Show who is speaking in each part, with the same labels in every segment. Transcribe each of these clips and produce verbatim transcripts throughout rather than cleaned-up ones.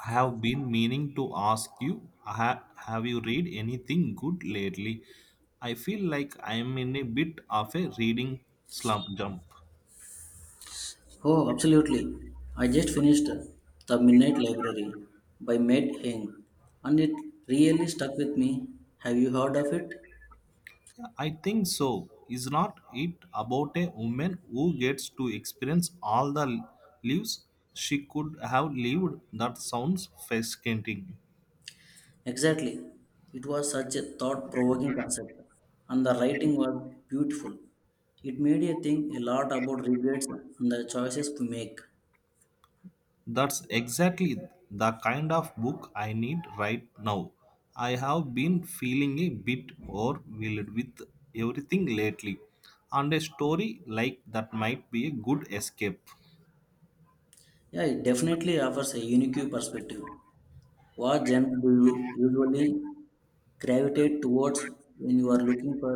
Speaker 1: I have been meaning to ask you, ha- have you read anything good lately? I feel like I am in a bit of a reading slump jump.
Speaker 2: Oh, absolutely. I just finished The Midnight Library by Matt Haig and it really stuck with me. Have you heard of it?
Speaker 1: I think so. Is not it about a woman who gets to experience all the lives she could have lived? That sounds fascinating.
Speaker 2: Exactly. It was such a thought provoking concept, and the writing was beautiful. It made you think a lot about regrets and the choices we make.
Speaker 1: That's exactly the kind of book I need right now. I have been feeling a bit overwhelmed with everything lately, and a story like that might be a good escape.
Speaker 2: Yeah, it definitely offers a unique perspective. What genre do you usually gravitate towards when you are looking for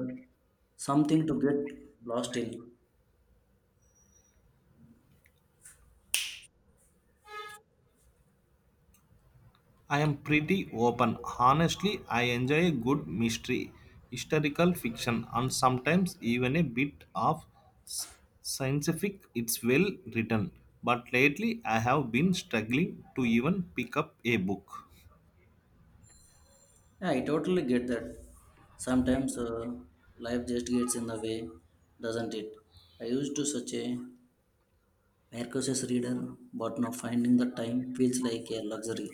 Speaker 2: something to get lost in?
Speaker 1: I am pretty open. Honestly, I enjoy a good mystery, historical fiction, and sometimes even a bit of s- scientific. It's well written, but lately I have been struggling to even pick up a book.
Speaker 2: Yeah, I totally get that. Sometimes uh, life just gets in the way, doesn't it? I used to such a Marcos's reader, but now finding the time feels like a luxury.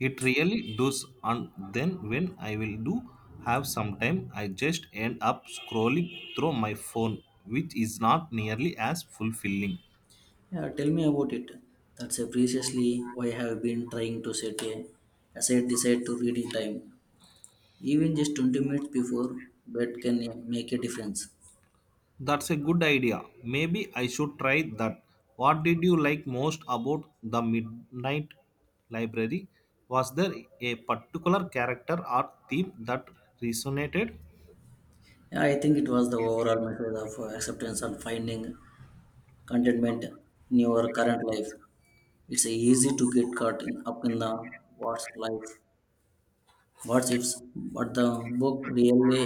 Speaker 1: It really does, and then when I will do have some time, I just end up scrolling through my phone, which is not nearly as fulfilling.
Speaker 2: Yeah, tell me about it. That's a preciously why I have been trying to set a aside decide to reading time. Even just twenty minutes before bed can uh, make a difference.
Speaker 1: That's a good idea. Maybe I should try that. What did you like most about the Midnight Library? Was there a particular character or theme that resonated?
Speaker 2: Yeah, I think it was the overall method of uh, acceptance and finding contentment in your current life. It's easy to get caught in, up in the what's life, what's ifs, but the book really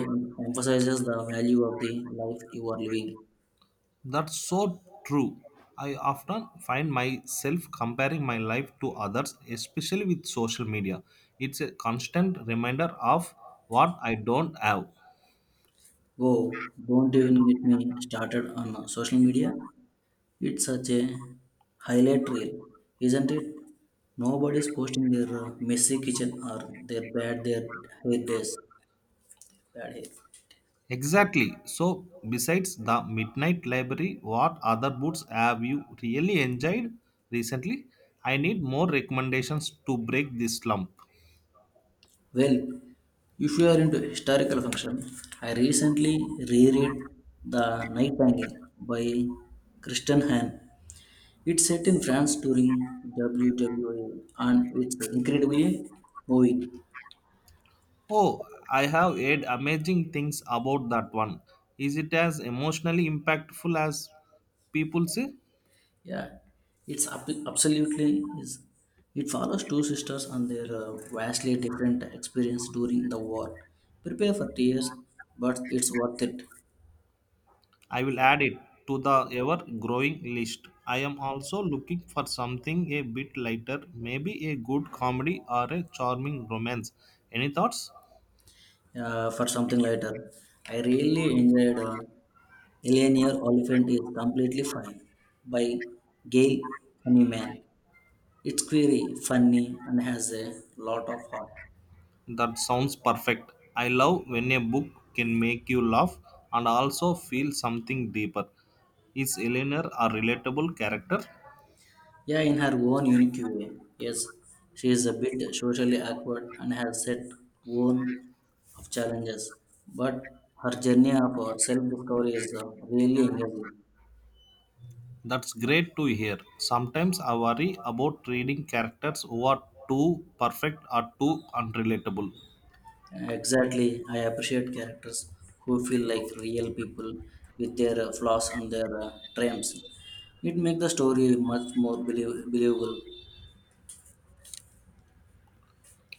Speaker 2: emphasizes the value of the life you are living.
Speaker 1: That's so true. I often find myself comparing my life to others, especially with social media. It's a constant reminder of what I don't have.
Speaker 2: Oh, don't even get me started on social media. It's such a highlight reel, isn't it? Nobody's posting their uh, messy kitchen or their bad their hair days, bad hair.
Speaker 1: Exactly. So, besides the Midnight Library, what other books have you really enjoyed recently? I need more recommendations to break this slump.
Speaker 2: Well, if you are into historical function, I recently reread The Nightingale by Christian Hahn. It's set in France during W W A and it's incredibly moving.
Speaker 1: Oh, I have heard amazing things about that one. Is it as emotionally impactful as people say?
Speaker 2: Yeah, it's ab- absolutely is. It follows two sisters and their uh, vastly different experience during the war. Prepare for tears, but it's worth it
Speaker 1: I will add it to the ever growing list. I am also looking for something a bit lighter, maybe a good comedy or a charming romance. Any thoughts?
Speaker 2: uh, for something later. I really enjoyed. Uh, Eleanor Oliphant is completely fine by Gail Honeyman. It's query, funny, and has a lot of heart.
Speaker 1: That sounds perfect. I love when a book can make you laugh and also feel something deeper. Is Eleanor a relatable character?
Speaker 2: Yeah, in her own unique way. Yes, she is a bit socially awkward and has set own of challenges, but her journey of self discovery is uh, really engaging.
Speaker 1: That's great to hear. Sometimes I worry about reading characters who are too perfect or too unrelatable.
Speaker 2: Exactly. I appreciate characters who feel like real people with their uh, flaws and their uh, triumphs. It makes the story much more belie- believable.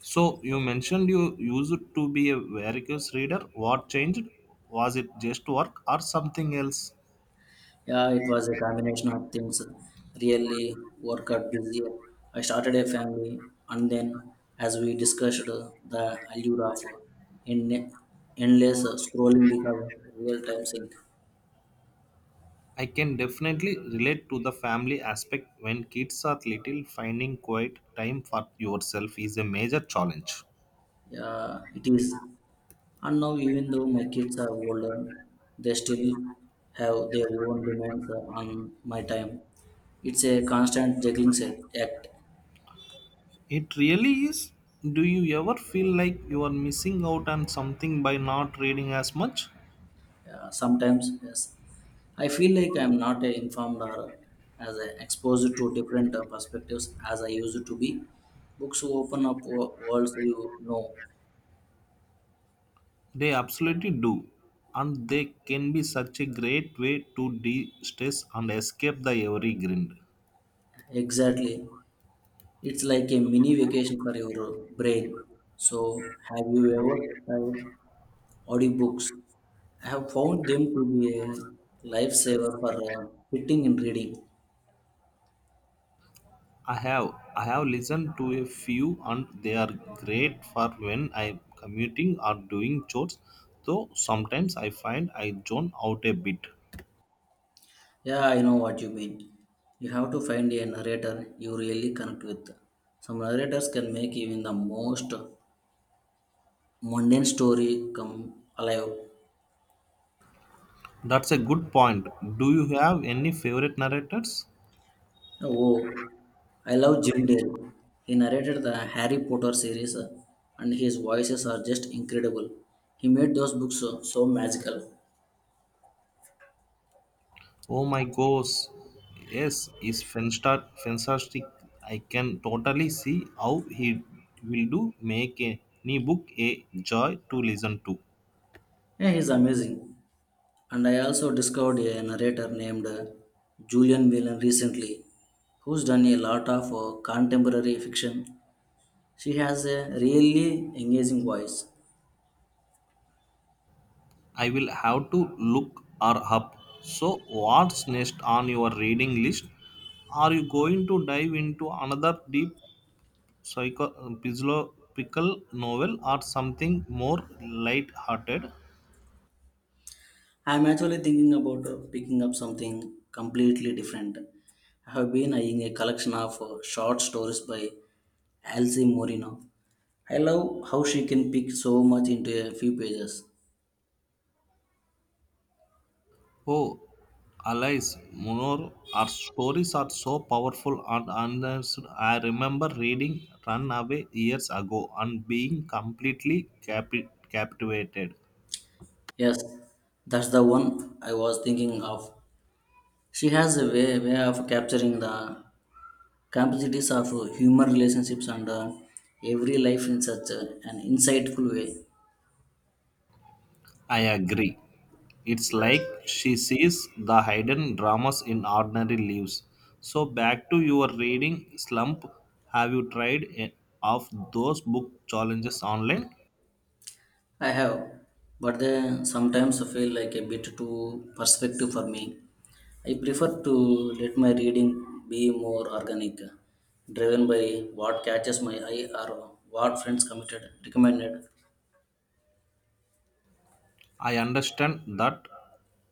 Speaker 1: So you mentioned you used to be a voracious reader. What changed? Was it just work or something else?
Speaker 2: Yeah, it was a combination of things. Really work out busy. I started a family, and then, as we discussed, uh, the allure of uh, en- endless uh, scrolling because of real time sync.
Speaker 1: I can definitely relate to the family aspect when kids are little. Finding quiet time for yourself is a major challenge.
Speaker 2: Yeah, it is. And now, even though my kids are older, they still have their own demands on my time. It's a constant juggling set- act.
Speaker 1: It really is. Do you ever feel like you are missing out on something by not reading as much?
Speaker 2: Yeah, sometimes, yes, I feel like I'm not uh, informed or as uh, exposed to different uh, perspectives as I used to be. Books open up wo- worlds you know.
Speaker 1: They absolutely do. And they can be such a great way to de stress and escape the every grind.
Speaker 2: Exactly. It's like a mini vacation for your brain. So, have you ever tried audiobooks? I have found them to be a lifesaver for uh, fitting in reading.
Speaker 1: I have I have listened to a few and they are great for when I'm commuting or doing chores, though sometimes I find I zone out a bit.
Speaker 2: Yeah, I know what you mean. You have to find a narrator you really connect with. Some narrators can make even the most mundane story come alive.
Speaker 1: That's a good point. Do you have any favorite narrators?
Speaker 2: Oh, I love Jim Dale. He narrated the Harry Potter series, uh, and his voices are just incredible. He made those books uh, so magical.
Speaker 1: Oh my gosh. Yes, is Fenstar fantastic. I can totally see how he will do make any book a joy to listen to.
Speaker 2: Yeah, he's amazing. And I also discovered a narrator named uh, Julian Whelan recently, who's done a lot of uh, contemporary fiction. She has a really engaging voice.
Speaker 1: I will have to look her up. So, what's next on your reading list? Are you going to dive into another deep psycho- philosophical novel or something more light-hearted?
Speaker 2: I'm actually thinking about uh, picking up something completely different. I have been eyeing a collection of uh, short stories by Elsie Moreno. I love how she can pick so much into a few pages.
Speaker 1: Oh, Alice, Munor, her stories are so powerful and honest. I remember reading Runaway years ago and being completely capi- captivated.
Speaker 2: Yes, that's the one I was thinking of. She has a way, way of capturing the complexities of uh, human relationships and uh, every life in such a, an insightful way.
Speaker 1: I agree. It's like she sees the hidden dramas in ordinary lives. So, back to your reading slump. Have you tried any of those book challenges online?
Speaker 2: I have, but they sometimes feel like a bit too perspective for me. I prefer to let my reading be more organic, driven by what catches my eye or what friends committed recommended.
Speaker 1: I understand that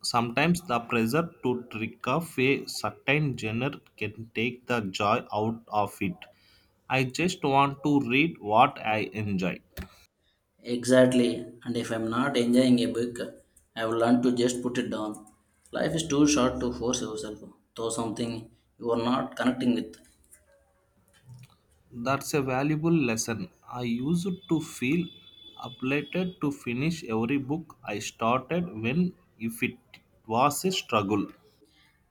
Speaker 1: sometimes the pressure to trick off a certain genre can take the joy out of it. I just want to read what I enjoy.
Speaker 2: Exactly. And if I'm not enjoying a book, I will learn to just put it down. Life is too short to force yourself, though something you are not connecting with.
Speaker 1: That's a valuable lesson. I used to feel obliged to finish every book I started when if it was a struggle.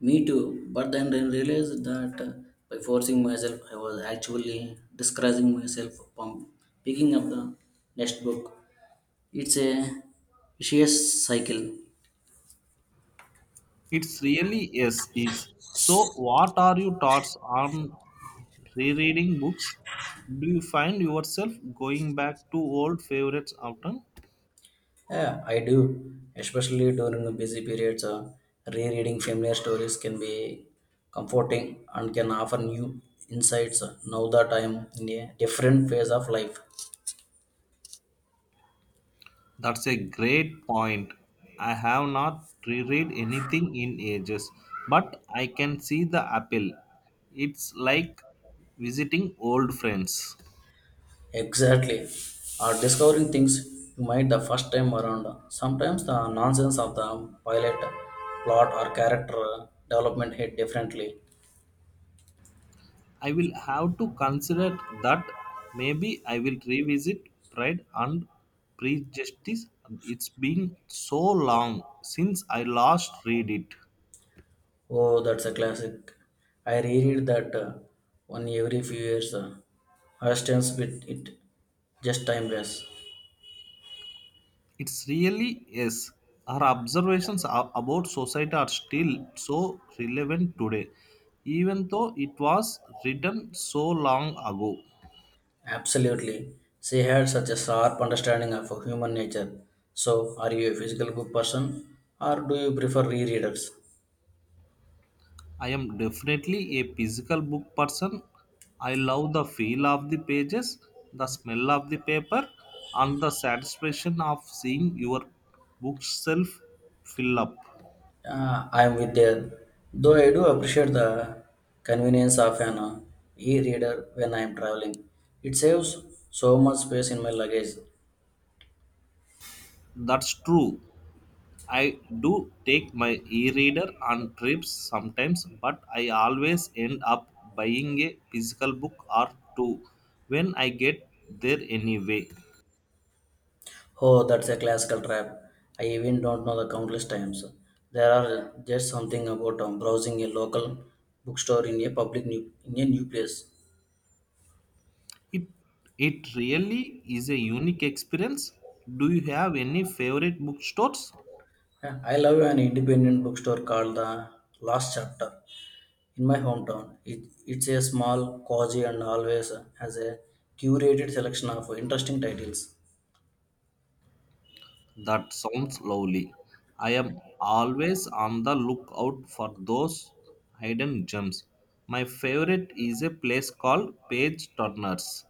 Speaker 2: Me too. But then I realized that uh, by forcing myself, I was actually discouraging myself from picking up the next book. It's a vicious cycle.
Speaker 1: It's really yes is. So what are your thoughts on rereading books? Do you find yourself going back to old favorites often?
Speaker 2: Yeah, I do. Especially during busy periods, uh, rereading familiar stories can be comforting and can offer new insights uh, now that I am in a different phase of life.
Speaker 1: That's a great point. I have not reread anything in ages, but I can see the appeal. It's like visiting old friends.
Speaker 2: Exactly. Or discovering things you might the first time around. Sometimes the nonsense of the pilot plot or character uh, development hit differently.
Speaker 1: I will have to consider that maybe I will revisit Pride and Prejudice. It's been so long since I last read it.
Speaker 2: Oh, that's a classic. I reread that uh, one every few years. Uh, Austen's with it just timeless.
Speaker 1: It's really yes. Our observations a- about society are still so relevant today, even though it was written so long ago.
Speaker 2: Absolutely. She had such a sharp understanding of human nature. So, are you a physical book person or do you prefer rereaders?
Speaker 1: I am definitely a physical book person. I love the feel of the pages, the smell of the paper, and the satisfaction of seeing your bookshelf fill up.
Speaker 2: Uh, I am with there. Though I do appreciate the convenience of an uh, e-reader when I am traveling. It saves so much space in my luggage.
Speaker 1: That's true. I do take my e reader on trips sometimes, but I always end up buying a physical book or two when I get there anyway.
Speaker 2: Oh, that's a classical trap. I even don't know the countless times. There are just something about um, browsing a local bookstore in a public new, in a new place.
Speaker 1: It, it really is a unique experience. Do you have any favorite bookstores?
Speaker 2: Yeah, I love an independent bookstore called the Last Chapter in my hometown. It, it's a small, cozy, and always has a curated selection of interesting titles.
Speaker 1: That sounds lovely. I am always on the lookout for those hidden gems. My favorite is a place called Page Turners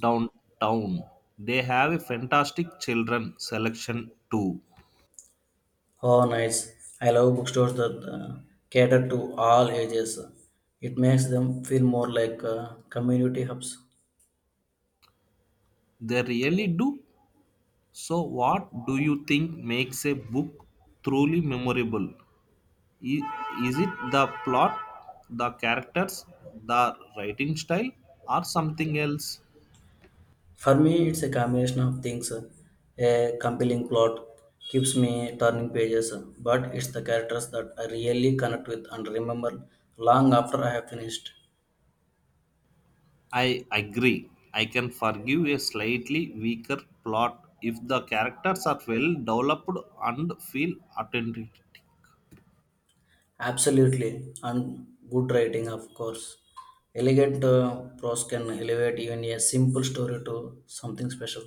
Speaker 1: downtown. They have a fantastic children selection too.
Speaker 2: Oh, nice! I love bookstores that uh, cater to all ages. It makes them feel more like uh, community hubs.
Speaker 1: They really do. So, what do you think makes a book truly memorable? I- Is it the plot, the characters, the writing style, or something else?
Speaker 2: For me, it's a combination of things. A compelling plot keeps me turning pages, but it's the characters that I really connect with and remember long after I have finished.
Speaker 1: I agree. I can forgive a slightly weaker plot if the characters are well developed and feel authentic.
Speaker 2: Absolutely, and good writing, of course. Elegant uh, prose can elevate even a simple story to something special.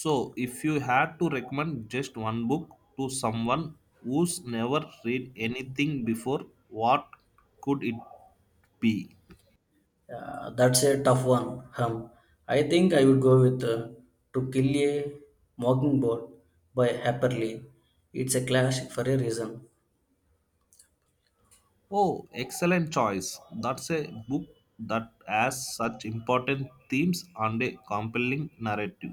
Speaker 1: So, if you had to recommend just one book to someone who's never read anything before, what could it be?
Speaker 2: Uh, that's a tough one. Hum. I think I would go with uh, To Kill a Mockingbird by Harper Lee. It's a classic for a reason.
Speaker 1: Oh, excellent choice. That's a book that has such important themes and a compelling narrative.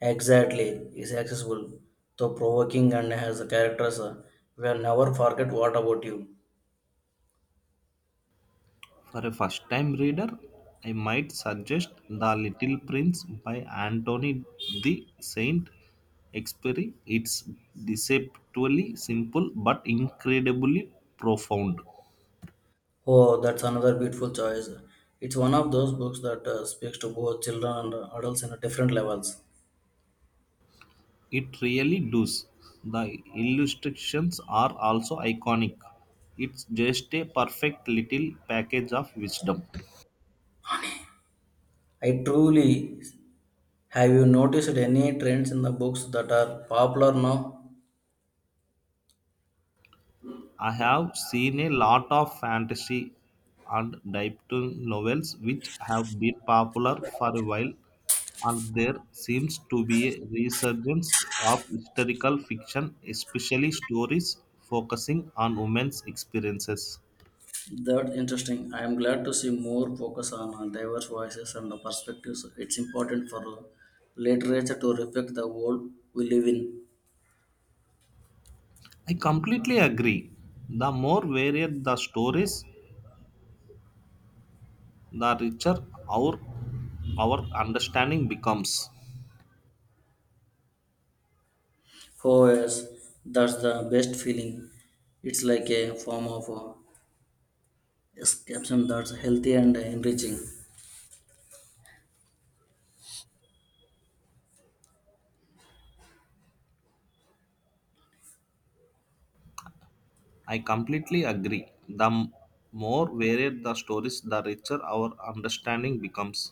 Speaker 2: Exactly, is accessible, though provoking and has a characters uh, will never forget what about you.
Speaker 1: For a first time reader, I might suggest The Little Prince by Anthony de Saint Exupéry. It's deceptively simple but incredibly profound.
Speaker 2: Oh, that's another beautiful choice. It's one of those books that uh, speaks to both children and adults in different levels.
Speaker 1: It really does. The illustrations are also iconic. It's just a perfect little package of wisdom.
Speaker 2: I truly have you noticed any trends in the books that are popular now?
Speaker 1: I have seen a lot of fantasy and dystopian novels which have been popular for a while, and there seems to be a resurgence of historical fiction, especially stories focusing on women's experiences.
Speaker 2: That's interesting. I am glad to see more focus on uh, diverse voices and uh, perspectives. It's important for uh, literature to reflect the world we live in.
Speaker 1: I completely agree. The more varied the stories, the richer our our understanding becomes.
Speaker 2: Oh yes, that's the best feeling. It's like a form of uh, escapism that's healthy and enriching.
Speaker 1: I completely agree the m- more varied the stories, the richer our understanding becomes.